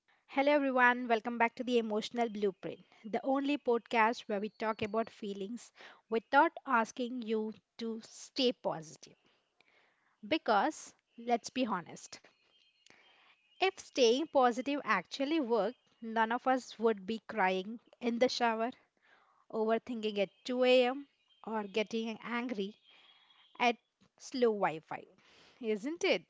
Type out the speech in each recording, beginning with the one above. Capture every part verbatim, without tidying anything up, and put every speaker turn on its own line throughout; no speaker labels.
Hello, everyone. Welcome back to the Emotional Blueprint, the only podcast where we talk about feelings without asking you to stay positive. Because, let's be honest, if staying positive actually worked, none of us would be crying in the shower, overthinking at two a m, or getting angry at slow Wi Fi. Isn't it?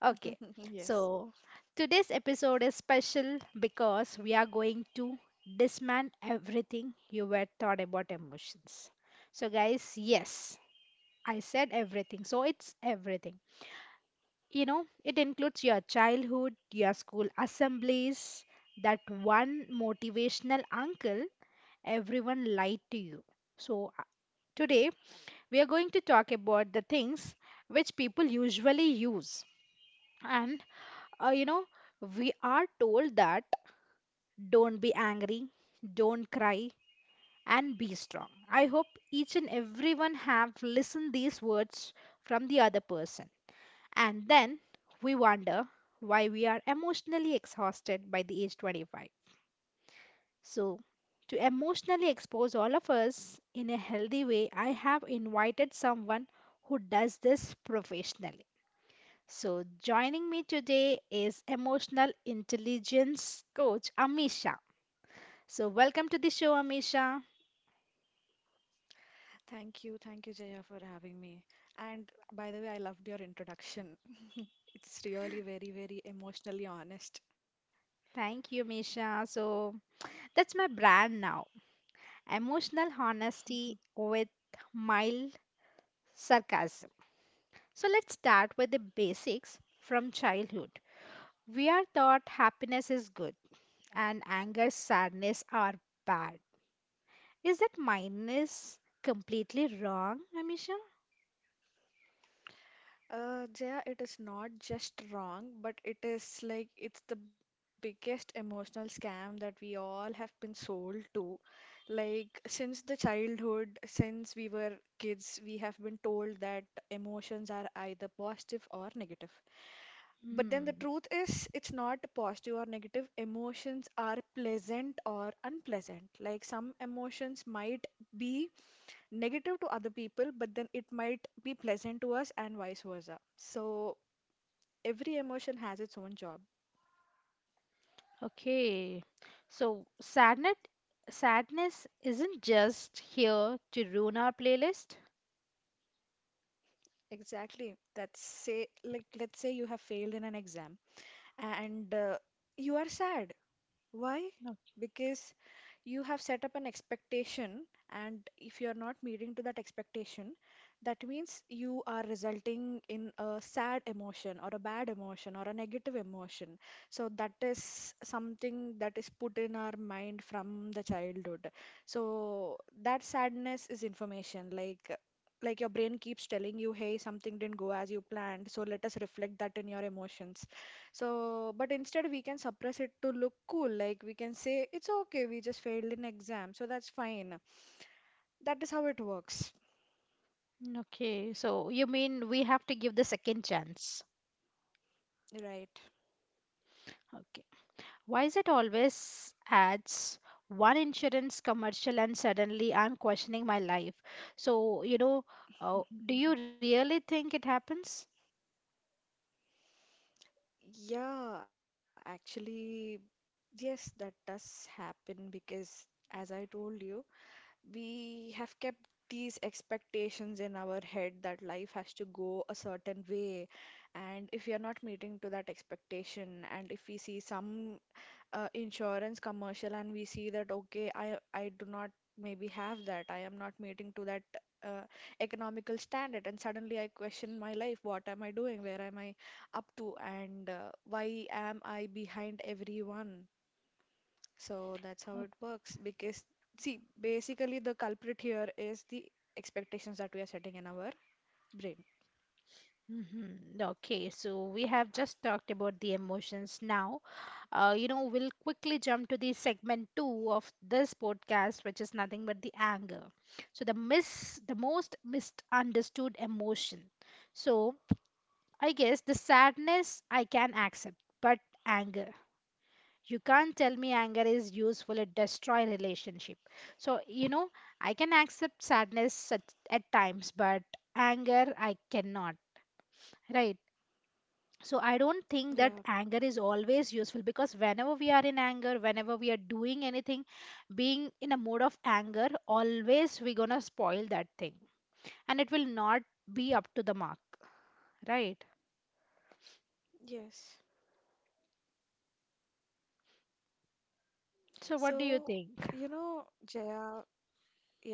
Okay, so
Yes.
today's episode is special because we are going to dismantle everything you were taught about emotions. So, guys, yes, I said everything, so it's everything. You know, it includes your childhood, your school assemblies, that one motivational uncle everyone lied to you. So, uh, today we are going to talk about the things which people usually use, and Uh, you know, we are told that don't be angry, don't cry, and be strong. I hope each and everyone have listened these words from the other person. And then we wonder why we are emotionally exhausted by the age twenty-five. So, to emotionally expose all of us in a healthy way, I have invited someone who does this professionally. So, joining me today is emotional intelligence coach Amisha. So, welcome to the show, Amisha.
Thank you. Thank you, Jaya, for having me. And by the way, I loved your introduction. It's really very, very emotionally honest.
Thank you, Amisha. So, that's my brand now emotional honesty with mild sarcasm. So, let's start with the basics from childhood. We are taught happiness is good and anger, sadness are bad. Is that minus completely wrong, Amisha?
Uh, Jaya, it is not just wrong, but it is like it's the biggest emotional scam that we all have been sold to. Like, since the childhood, since we were kids, we have been told that emotions are either positive or negative. But then the
Hmm.
truth is, it's not positive or negative. Emotions are pleasant or unpleasant. Like some emotions might be negative to other people, but then it might be pleasant to us and vice versa. So every emotion has its own job.
Okay. So sadness sadness isn't just here to ruin our playlist.
Exactly. That's say Like, let's say you have failed in an exam and uh, you are sad. Why?
No.
Because you have set up an expectation, and if you are not meeting to that expectation, that means you are resulting in a sad emotion or a bad emotion or a negative emotion. So that is something that is put in our mind from the childhood. So that sadness is information. Like like, your brain keeps telling you, hey, something didn't go as you planned, so let us reflect that in your emotions. So, but instead, we can suppress it to look cool. Like we can say, it's okay, we just failed in exam, so that's fine. That is how it works,
Mm, okay. So you mean we have to give the second chance.
right?
Okay. Why is it always ads one insurance commercial and suddenly I'm questioning my life? So, you know, uh, do you really think it happens?
Yeah, actually, yes, that does happen because, as I told you, we have kept these expectations in our head that life has to go a certain way, and if we are not meeting to that expectation, and if we see some uh, insurance commercial and we see that, okay, I I do not maybe have that, I am not meeting to that uh, economical standard, and suddenly I question my life. What am I doing? Where am I up to? And uh, why am I behind everyone? So that's how it works. Because, see, basically the culprit here is the expectations that we are setting in our brain.
Mm-hmm. Okay, so we have just talked about the emotions now. Uh, you know, we'll quickly jump to the segment two of this podcast, which is nothing but the anger. So the mis the most misunderstood emotion. So I guess the sadness I can accept, but anger. You can't tell me anger is useful, it destroy relationship. So, you know, I can accept sadness at, at times, but anger I cannot, right? So I don't think that
Yeah,
anger is always useful, because whenever we are in anger, whenever we are doing anything, being in a mode of anger, always we're gonna spoil that thing, and it will not be up to the mark, right?
yes.
So what do you
So,
think?
you know, Jaya, yeah.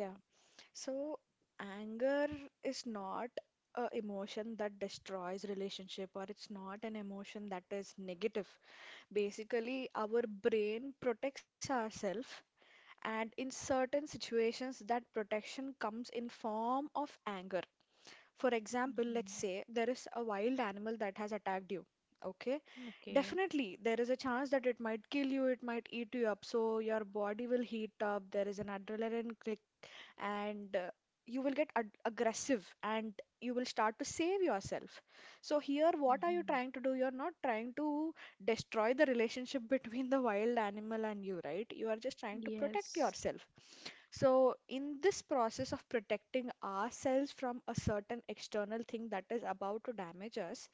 So, anger is not a emotion that destroys relationship, or it's not an emotion that is negative. Basically, our brain protects ourselves, and in certain situations that protection comes in form of anger. For example, let's
Hmm.
say there is a wild animal that has attacked you. Okay,
Okay.
definitely there is a chance that it might kill you, it might eat you up, so your body will heat up. There is an adrenaline, and uh, you will get ag- aggressive, and you will start to save yourself. So, here, what are you
Hmm.
trying to do? You're not trying to destroy the relationship between the wild animal and you, right? You are just trying to protect
Yes.
yourself. So, in this process of protecting ourselves from a certain external thing that is about to damage us,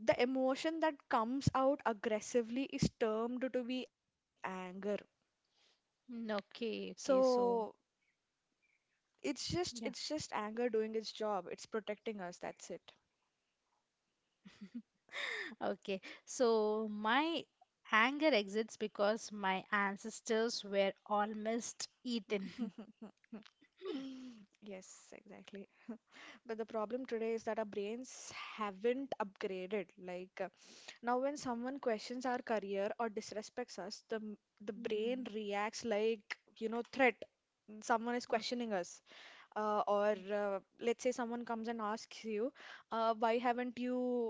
the emotion that comes out aggressively is termed to be anger.
Mm, okay, okay, so
So, It's just
yeah.
it's just anger doing its job. It's protecting us, that's it.
Okay, so my anger exists because my ancestors were almost eaten.
Yes, exactly. But the problem today is that our brains haven't upgraded. Like uh, now, when someone questions our career or disrespects us, the the brain
Mm,
reacts like, you know, threat. Someone is questioning us. uh, or uh, let's say someone comes and asks you, uh, why haven't you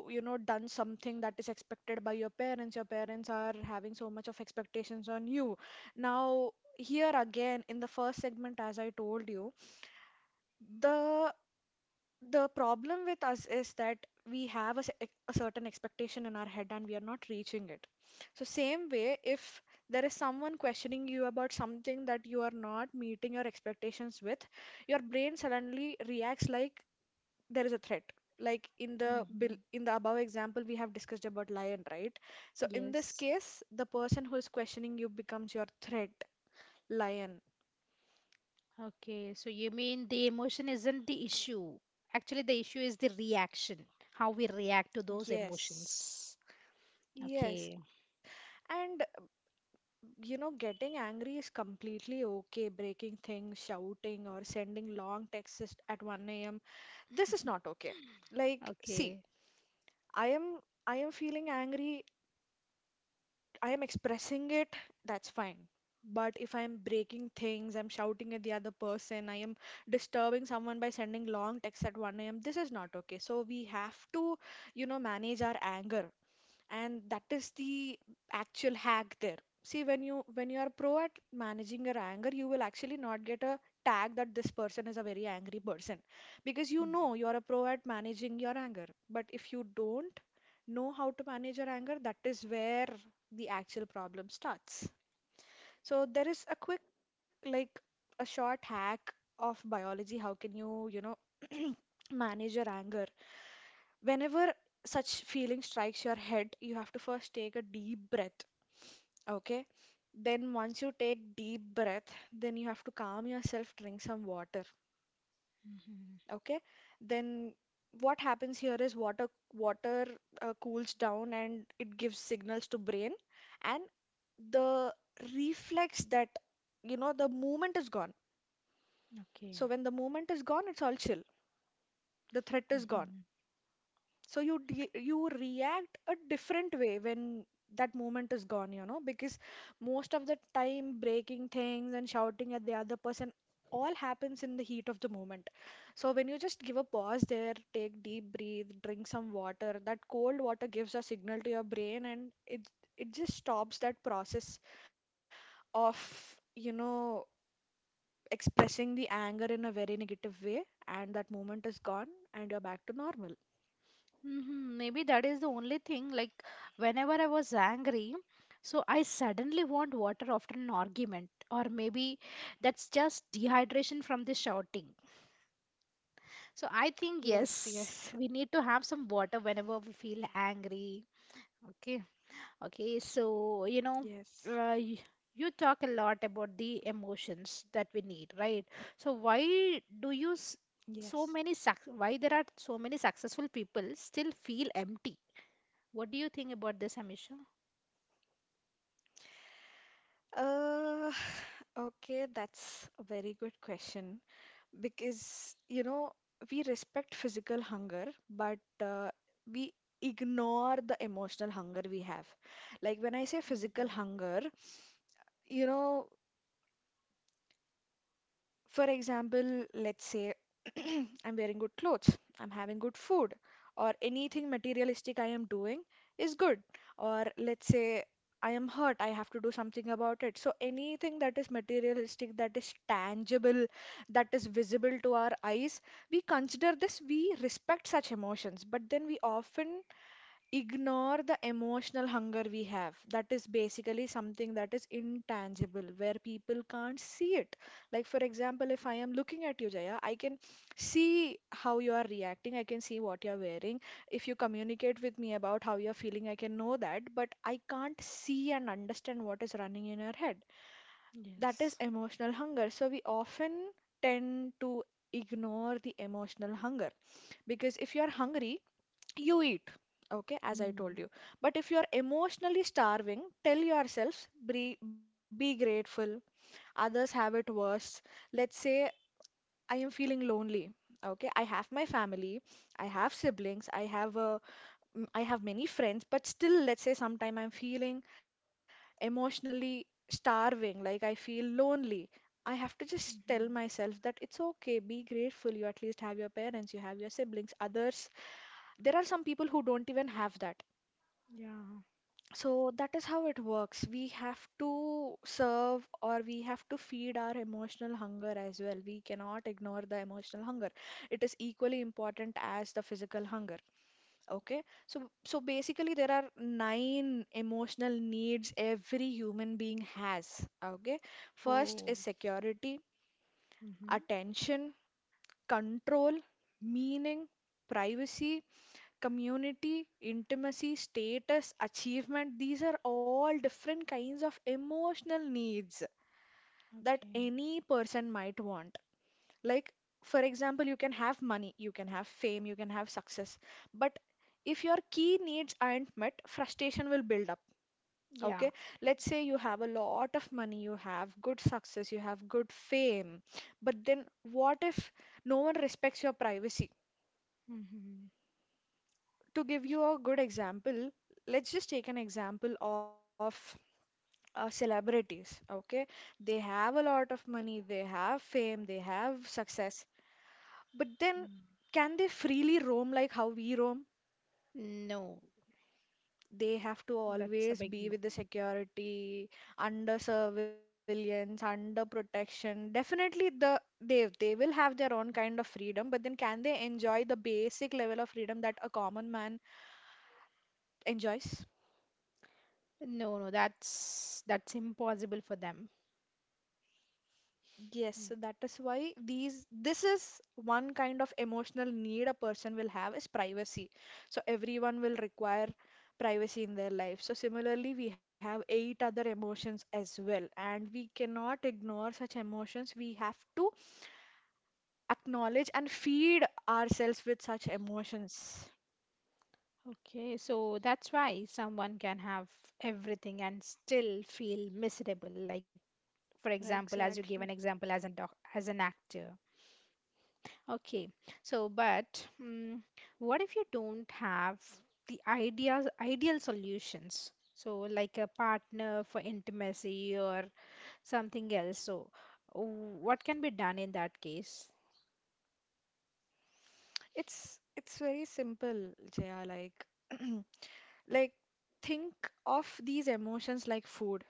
you know done something that is expected by your parents. Your parents are having so much of expectations on you. Now here again, in the first segment, as I told you, the the problem with us is that we have a, cer- a certain expectation in our head, and we are not reaching it. So, same way, if there is someone questioning you about something that you are not meeting your expectations with, your brain suddenly reacts like there is a threat. Like in the bill,
hmm.
in the above example, we have discussed about lion, right? So in this
Yes.
case, the person who is questioning you becomes your threat, lion.
Okay. So you mean the emotion isn't the issue. Actually, the issue is the reaction, how we react to those
Yes.
emotions.
Yes.
Okay.
And you know, getting angry is completely okay. Breaking things, shouting, or sending long texts at one a m. This is not okay. Like, see,
Okay.
I am I am feeling angry, I am expressing it, that's fine. But if I'm breaking things, I'm shouting at the other person, I am disturbing someone by sending long texts at one a m, this is not okay. So we have to, you know, manage our anger, and that is the actual hack there. See, when you when you are pro at managing your anger, you will actually not get a tag that this person is a very angry person, because you know you are a pro at managing your anger. But if you don't know how to manage your anger, that is where the actual problem starts. So there is a quick, like, a short hack of biology. How can you you know manage your anger? Whenever such feeling strikes your head, you have to first take a deep breath. Okay? Then once you take deep breath, then you have to calm yourself, drink some water.
Mm-hmm.
Okay? Then what happens here is water water uh, cools down, and it gives signals to brain, and the reflex that you know the movement is gone. So when
Okay.
the movement is gone, it's all chill. The threat is gone
Mm-hmm.
so you de- you react a different way when that moment is gone you know Because most of the time, breaking things and shouting at the other person all happens in the heat of the moment. So when you just give a pause there, take deep breath, drink some water, that cold water gives a signal to your brain, and it it just stops that process of you know expressing the anger in a very negative way, and that moment is gone, and you're back to normal.
Mm-hmm. Maybe that is the only thing. Like, whenever I was angry, so I suddenly want water after an argument, or maybe that's just dehydration from the shouting. So I think
Yes,
yes,
yes.
we need to have some water whenever we feel angry. Okay. Okay. So, you know,
Yes,
uh, you, you talk a lot about the emotions that we need, right? So why do you s-
yes.
so many suc why there are so many successful people still feel empty? What do you think about this, Amisha?
Uh, okay, that's a very good question because, you know, we respect physical hunger, but uh, we ignore the emotional hunger we have. Like when I say physical
Hmm.
hunger, you know, for example, let's say I'm wearing good clothes, I'm having good food, or anything materialistic I am doing is good. Or let's say I am hurt, I have to do something about it. So anything that is materialistic, that is tangible, that is visible to our eyes, we consider this, we respect such emotions, but then we often ignore the emotional hunger we have, that is basically something that is intangible where people can't see it. Like for example, if I am looking at you, Jaya, I can see how you are reacting, I can see what you are wearing. If you communicate with me about how you are feeling, I can know that, but I can't see and understand what is running in your head. That is
Yes.
emotional hunger. So we often tend to ignore the emotional hunger, because if you are hungry, you eat, okay,
Mm-hmm.
as I told you. But if you're emotionally starving, tell yourself, be, be grateful, others have it worse. Let's say I am feeling lonely. Okay, I have my family, I have siblings, i have uh, m- i have many friends. But still, let's say sometime I'm feeling emotionally starving, like I feel lonely. I have to just tell
Hmm.
myself that it's okay, be grateful, you at least have your parents, you have your siblings. Others, there are some people who don't even have that.
Yeah.
So that is how it works. We have to serve, or we have to feed our emotional hunger as well. We cannot ignore the emotional hunger. It is equally important as the physical hunger. Okay, so so basically there are nine emotional needs every human being has. Okay, first is
Oh.
security,
Mm-hmm.
attention, control, meaning, privacy, community, intimacy, status, achievement, these are all different kinds of emotional needs that
Okay.
any person might want. Like, for example, you can have money, you can have fame, you can have success, but if your key needs aren't met, frustration will build up.
Yeah.
Okay, let's say you have a lot of money, you have good success, you have good fame, but then what if no one respects your privacy?
Mm-hmm.
To give you a good example, let's just take an example of uh, celebrities, okay? They have a lot of money, they have fame, they have success. But then, can they freely roam like how we roam?
Mm-hmm. No.
They have to
That's a
always
big
be
no.
with the security, under surveillance, under protection. Definitely, the they they will have their own kind of freedom, but then can they enjoy the basic level of freedom that a common man enjoys?
No, no, that's that's impossible for them.
Yes, so that
Mm.
is why these this is one kind of emotional need a person will have is privacy. So everyone will require privacy in their life. So similarly, we have eight other emotions as well, and we cannot ignore such emotions. We have to acknowledge and feed ourselves with such emotions.
Okay, so that's why someone can have everything and still feel miserable. Like, for example, as you gave
Exactly.
an example as an doc as an actor. Okay, so but mm what if you don't have the ideas ideal solutions? So, like a partner for intimacy or something else. So, w- what can be done in that case?
It's it's very simple, Jaya, like like think of these emotions like food.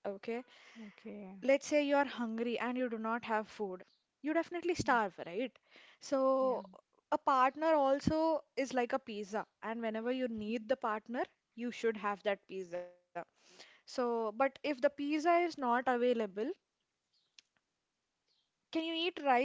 Okay,
Okay.
let's say you are hungry and you do not have food, you definitely starve, right? So
Yeah.
a partner also is like a pizza, and whenever you need the partner, you should have that pizza. So, but if the pizza is not available, can you eat rice and dal?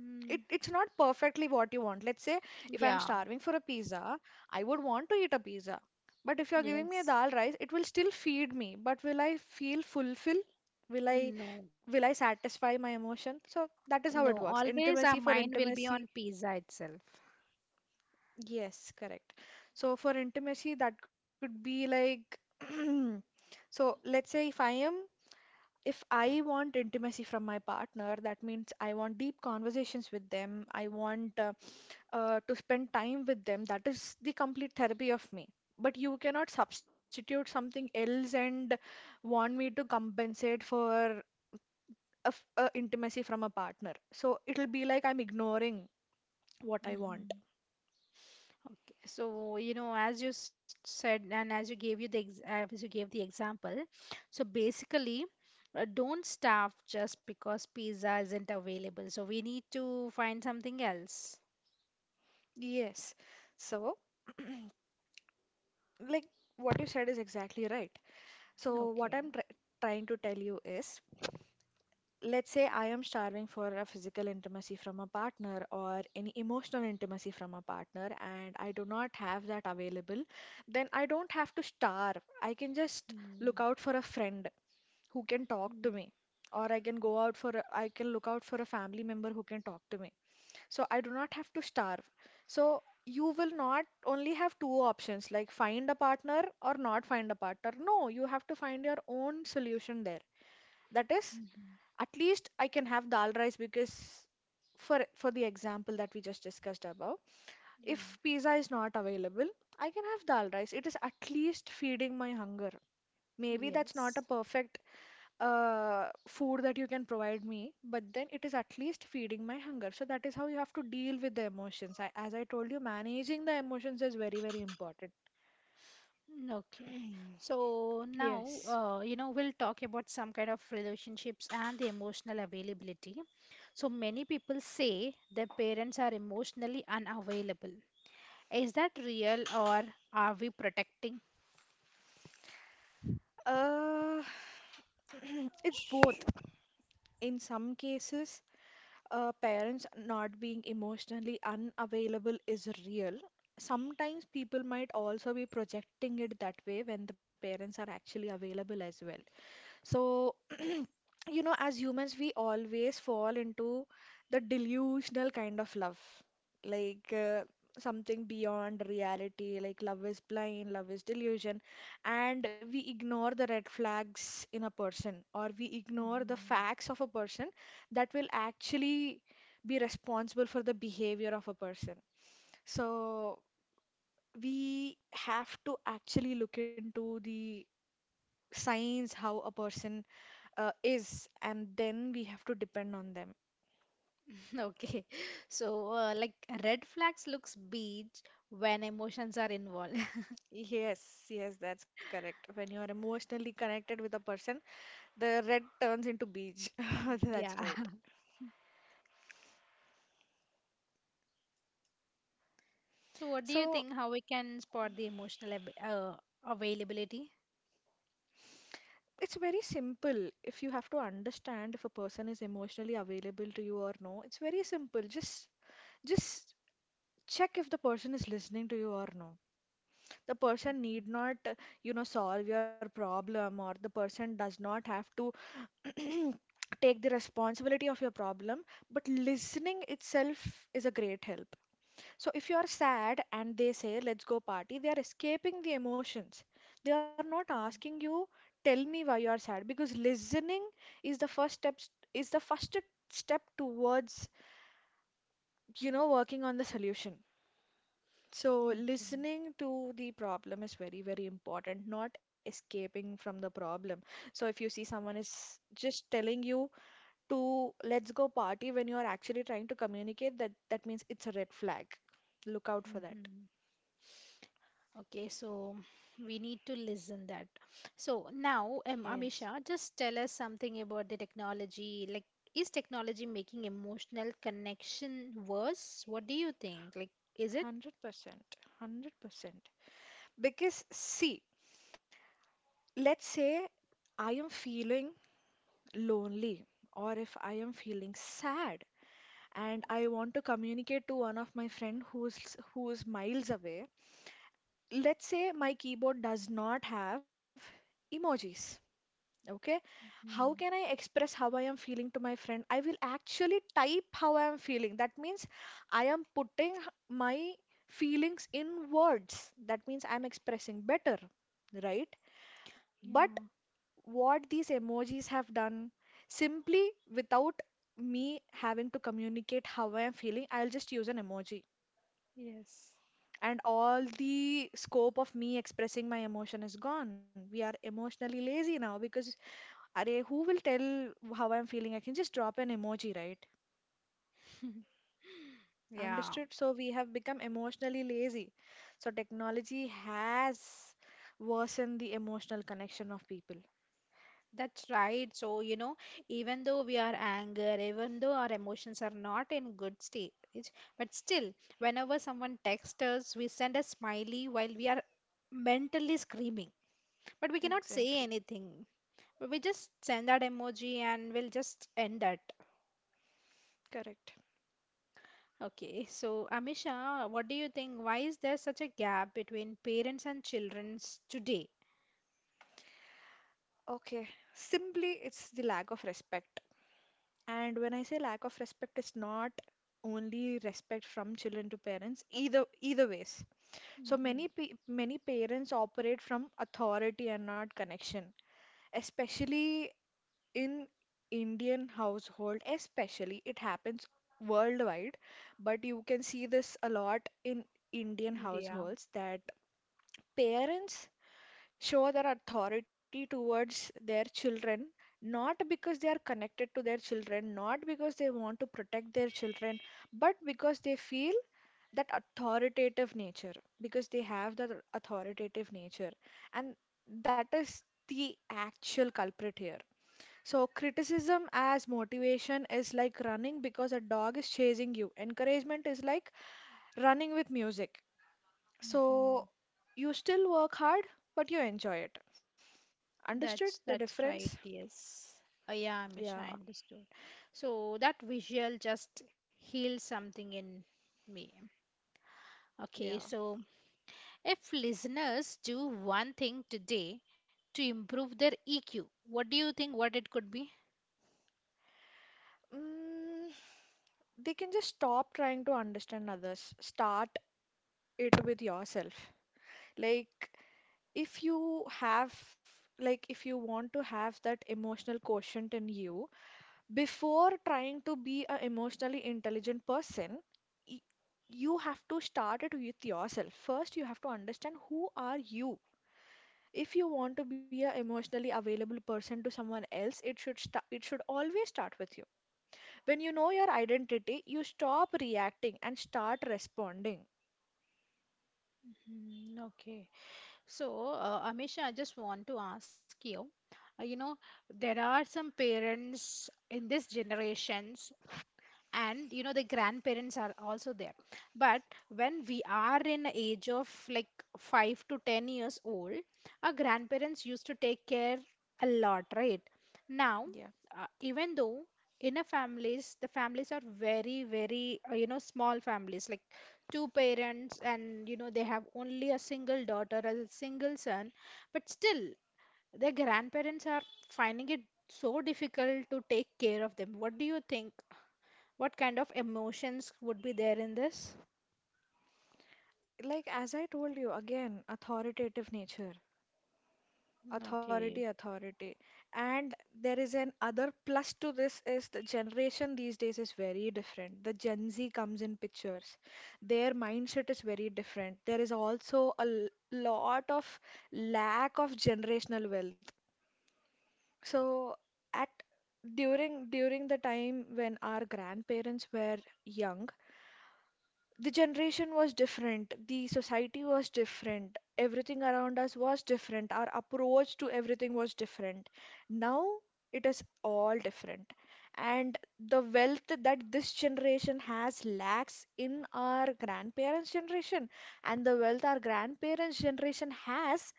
It, it's not perfectly what you want. Let's say if I'm
yeah.
starving for a pizza, I would want to eat a pizza. But if you're giving me a
Yes.
dal rice, it will still feed me. But will I feel fulfilled? Will I
No.
will I satisfy my emotion? So that is
No.
how it works.
Always our
Intimacy for
mind will be on
intimacy.
pizza itself.
Yes, correct. So for intimacy, that could be like, so let's say if I am, if I want intimacy from my partner, that means I want deep conversations with them. I want uh, uh, to spend time with them. That is the complete therapy of me. But you cannot substitute something else and want me to compensate for a, f- a intimacy from a partner. So it'll be like I'm ignoring what I want.
Hmm. Okay. So, you know, as you s- said, and as you gave you the ex uh, as you gave the example, so basically, uh, don't starve just because pizza isn't available. So we need to find something else.
Yes. So, like what you said is exactly right. So, what
Okay.
I'm try trying to tell you is, let's say I am starving for a physical intimacy from a partner or any emotional intimacy from a partner, and I do not have that available, then I don't have to starve. I can just look
Mm-hmm.
out for a friend who can talk to me, or I can go out for a, I can look out for a family member who can talk to me. So I do not have to starve. So you will not only have two options like find a partner or not find a partner. No, you have to find your own solution there. That is, at least I can have dal rice because for for the example that we just discussed above,
Yeah.
if pizza is not available, I can have dal rice. It is at least feeding my hunger. Maybe that's not a
Yes.
perfect uh, food that you can provide me, but then it is at least feeding my hunger. So that is how you have to deal with the emotions. I, as I told you, managing the emotions is very, very important.
Mm, okay. So now,
Yes.
uh, you know, we'll talk about some kind of relationships and the emotional availability. So many people say their parents are emotionally unavailable. Is that real or are we protecting?
Uh, it's both. In some cases, uh, parents not being emotionally unavailable is real. Sometimes people might also be projecting it that way when the parents are actually available as well. So, you know, as humans, we always fall into the delusional kind of love, like uh, something beyond reality, like love is blind, love is delusion, and we ignore the red flags in a person, or we ignore the
Mhm.
facts of a person that will actually be responsible for the behavior of a person. So we have to actually look into the signs how a person uh, is, and then we have to depend on them.
Okay. So, uh, like red flags looks beige when emotions are involved.
Yes, yes, that's correct. When you are emotionally connected with a person, the red turns into beige. That's
Yeah.
right.
So what do you
So
think how we can spot the emotional ab uh, availability?
it's very simple. If you have to understand if a person is emotionally available to you or no, it's very simple. Just, just check if the person is listening to you or no. The
Okay.
person need not, uh, you know, solve your problem, or the person does not have to take the responsibility of your problem, but listening itself is a great help. So if you are sad and they say let's go party, they are escaping the emotions. They are not asking
Mm.
you, tell me why you are sad, because listening is the first step, is the first step towards, you know, working on the solution. So
Okay.
listening to the problem is very, very important, not escaping from the problem. So if you see someone is just telling you to let's go party when you are actually trying to communicate, that that means it's a red flag. Look out for that.
Mhm. Okay, so we need to listen that. So now, um,
Yes,
Amisha, just tell us something about the technology. Like, is technology making emotional connection worse? What do you think? Like, is it?
one hundred percent. one hundred percent. Because, see, let's say I am feeling lonely or if I am feeling sad and I want to communicate to one of my friend who's who's miles away. Let's say my keyboard does not have emojis. Okay, how can I
Mm,
express how I am feeling to my friend? I will actually type how I am feeling. That means I am putting h- my feelings in words. That means I'm expressing better, right? But
yeah,
what these emojis have done, simply without me having to communicate how I am feeling, I'll just use an emoji.
yes.
And all the scope of me expressing my emotion is gone. We are emotionally lazy now because, arey, who will tell how I'm feeling? I can just drop an emoji, right?
Yeah,
Understood. So we have become emotionally lazy. So technology has worsened the emotional connection of people.
that's right. So, you know, even though we are anger, even though our emotions are not in good stage, but still, whenever someone texts us, we send a smiley while we are mentally screaming. But we cannot say
Exactly.
anything. We just send that emoji and we'll just end that.
Correct.
Okay, so Amisha, what do you think? Why is there such a gap between parents and childrens today?
Okay. Simply, it's the lack of respect. And when I say lack of respect, it's not only respect from children to parents, either either ways. So
Mm-hmm.
many pe many parents operate from authority and not connection, especially in Indian household, especially it happens worldwide, but you can see this a lot in Indian
Yeah.
households that parents show their authority towards their children not because they are connected to their children, not because they want to protect their children, but because they feel that authoritative nature, because they have that authoritative nature. And that is the actual culprit here. So, criticism as motivation is like running because a dog is chasing you. Encouragement is like running with music. So,
Mhm.
you still work hard, but you enjoy it. Understood the
that's that's
difference?
right. Yes. Uh, yeah,
Yeah,
Amisha, I understood. So that visual just heals something in me. Okay,
yeah.
so if listeners do one thing today to improve their E Q, what do you think what it could be?
Mm, they can just stop trying to understand others. Start it with yourself. Like, if you have, like, if you want to have that emotional quotient in you, before trying to be an emotionally intelligent person, y- you have to start it with yourself first. You have to understand who are you. If you want to be an emotionally available person to someone else, it should sta it should always start with you. When you know your identity, you stop reacting and start responding.
Mm, okay. So, uh, Amisha, I just want to ask you, uh, you know, there are some parents in this generations, and you know the grandparents are also there, but when we are in age of like five to ten years old, our grandparents used to take care a lot, right? Now,
Yeah,
uh, even though in a families, the families are very very uh, you know small families, like two parents, and you know they have only a single daughter as a single son, but still, their grandparents are finding it so difficult to take care of them. What do you think? What kind of emotions would be there in this?
like as I told you again, authoritative nature. Authority,
Okay.
authority. And there is an other plus to this is the generation these days is very different. The Gen Z comes in pictures. Their mindset is very different. There is also a l- lot of lack of generational wealth. So at during during the time when our grandparents were young, the generation was different, the society was different, everything around us was different, our approach to everything was different. Now it is all different. And the wealth that this generation has lacks in our grandparents' generation, and the wealth our grandparents' generation has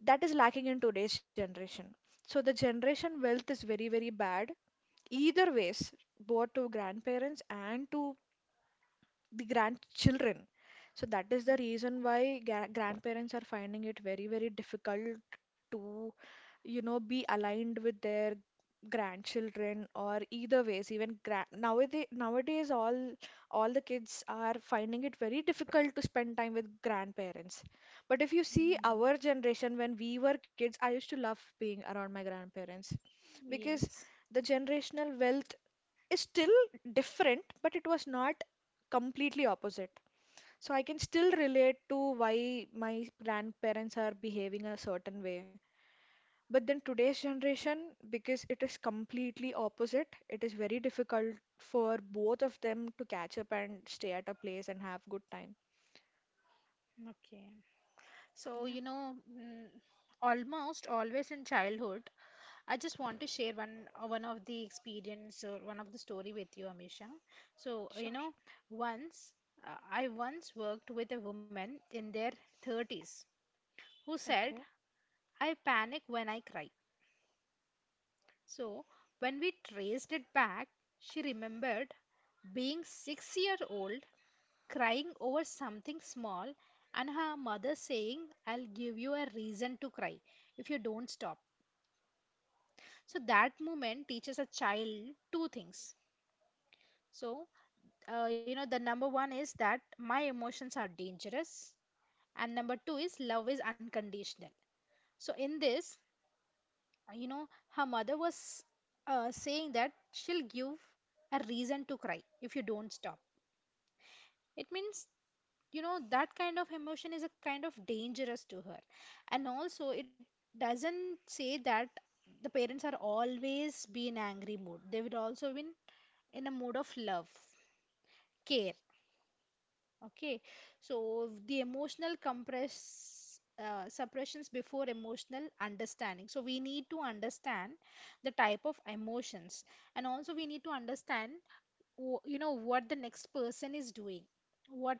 that is lacking in today's generation. So the generation wealth is very, very bad. Either ways, both to grandparents and to the grandchildren. So that is the reason why gra- grandparents are finding it very, very difficult to, you know, be aligned with their grandchildren or either ways. Even gra- nowadays, nowadays, all all the kids are finding it very difficult to spend time with grandparents. But if you see
Mm,
our generation, when we were kids, I used to love being around my grandparents because
yes.
the generational wealth is still different, but it was not completely opposite. So I can still relate to why my grandparents are behaving a certain way. But then today's generation, because it is completely opposite, it is very difficult for both of them to catch up and stay at a place and have good time.
Okay. So, you
Yeah,
know, mm, almost always in childhood, I just want to share one uh, one of the experience or one of the story with you, Amisha. So, uh,
sure.
you know, once uh, I once worked with a woman in their thirties who said,
Okay,
"I panic when I cry." So, when we traced it back, she remembered being six year old crying over something small, and her mother saying, I'll give you a reason to cry if you don't stop. So that moment teaches a child two things. So, uh, you know, the number one is that my emotions are dangerous, and number two is love is unconditional. So, in this, uh, you know, her mother was uh, saying that she'll give a reason to cry if you don't stop. It means you know that kind of emotion is a kind of dangerous to her, and also it doesn't say that the parents are always be in angry mood, they would also be in in a mood of love, care. Okay, so the emotional compress uh, suppressions before emotional understanding, so we need to understand the type of emotions, and also we need to understand w- you know what the next person is doing, what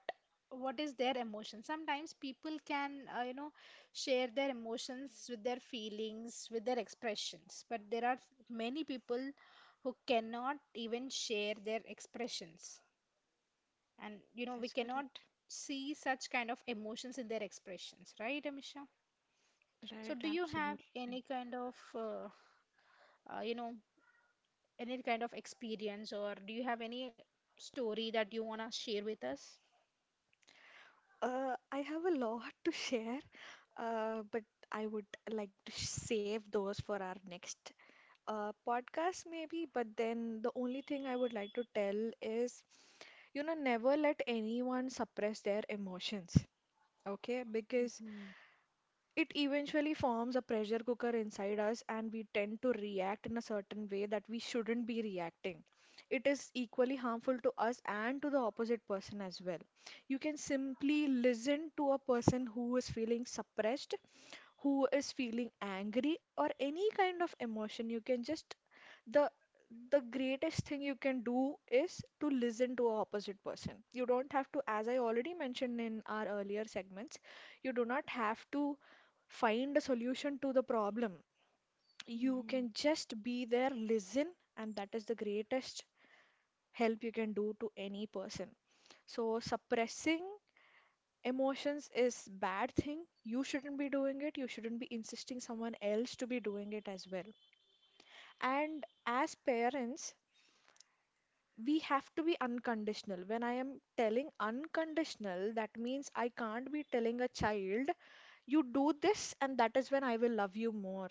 what is their emotion. Sometimes people can uh, you know share their emotions with their feelings, with their expressions, but there are many people who cannot even share their expressions, and you know we
that's
cannot
correct.
see such kind of emotions in their expressions, right Amisha? So
Right,
do you have
absolutely.
any kind of uh, uh, you know any kind of experience, or do you have any story that you want to share with us?
Uh, I have a lot to share, uh, but I would like to save those for our next uh, podcast maybe, but then the only thing I would like to tell is, you know, never let anyone suppress their emotions, okay? Because it eventually forms a pressure cooker inside us, and we tend to react in a certain way that we shouldn't be reacting. It is equally harmful to us and to the opposite person as well. You can simply listen to a person who is feeling suppressed, who is feeling angry, or any kind of emotion. You can just the the greatest thing you can do is to listen to a opposite person. You don't have to, as I already mentioned in our earlier segments, you do not have to find a solution to the problem. You can
Mm-hmm.
just be there, listen, and that is the greatest help you can do to any person. So suppressing emotions is bad thing. You shouldn't be doing it, you shouldn't be insisting someone else to be doing it as well. And as parents, we have to be unconditional. When I am telling unconditional, that means I can't be telling a child, you do this and that is when I will love you more,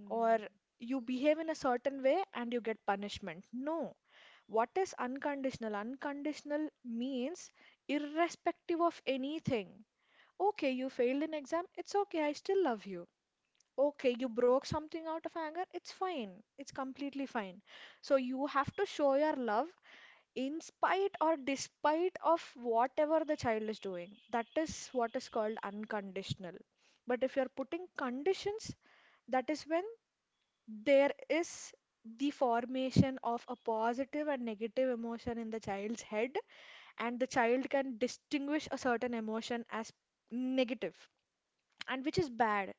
or you behave in a certain way and you get punishment. No. What is unconditional? Unconditional means irrespective of anything. Okay, you failed an exam, it's okay, I still love you. Okay, you broke something out of anger, it's fine, it's completely fine. So you have to show your love in spite or despite of whatever the child is doing. That is what is called unconditional. But if you're putting conditions, that is when there is the formation of a positive and negative emotion in the child's head, and the child can distinguish a certain emotion as negative and which is bad.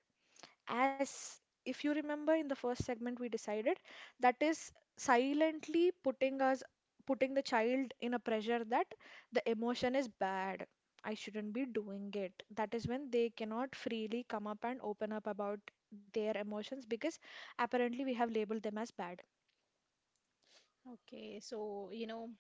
As if you remember in the first segment we decided, that is silently putting us putting the child in a pressure that the emotion is bad, I shouldn't be doing it. That is when they cannot freely come up and open up about their emotions because apparently we have labeled them as bad.
Okay, so you know,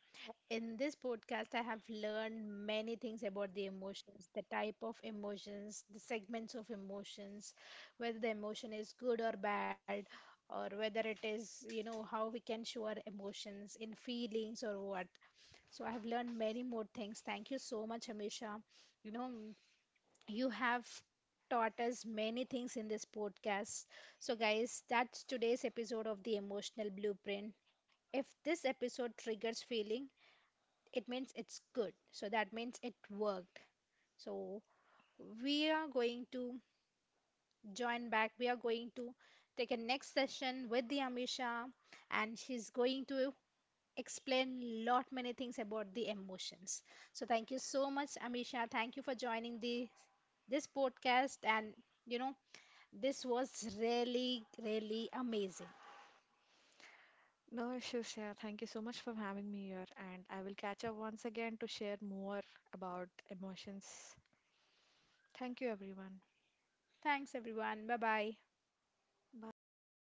in this podcast, I have learned many things about the emotions, the type of emotions, the segments of emotions, whether the emotion is good or bad, or whether it is, you know, how we can show our emotions in feelings or what. So I have learned many more things. Thank you so much, Amisha. You know, you have taught us many things in this podcast. So, guys, that's today's episode of The Emotional Blueprint. If this episode triggers feeling, it means it's good. So, that means it worked. So, we are going to join back. We are going to take a next session with the Amisha, and she's going to explain lot many things about the emotions. So, thank you so much, Amisha. Thank you for joining the this podcast, and you know this was really, really amazing.
No issues, yeah. Thank you so much for having me here, and I will catch up once again to share more about emotions. Thank you, everyone.
Thanks, everyone. Bye bye.
Bye.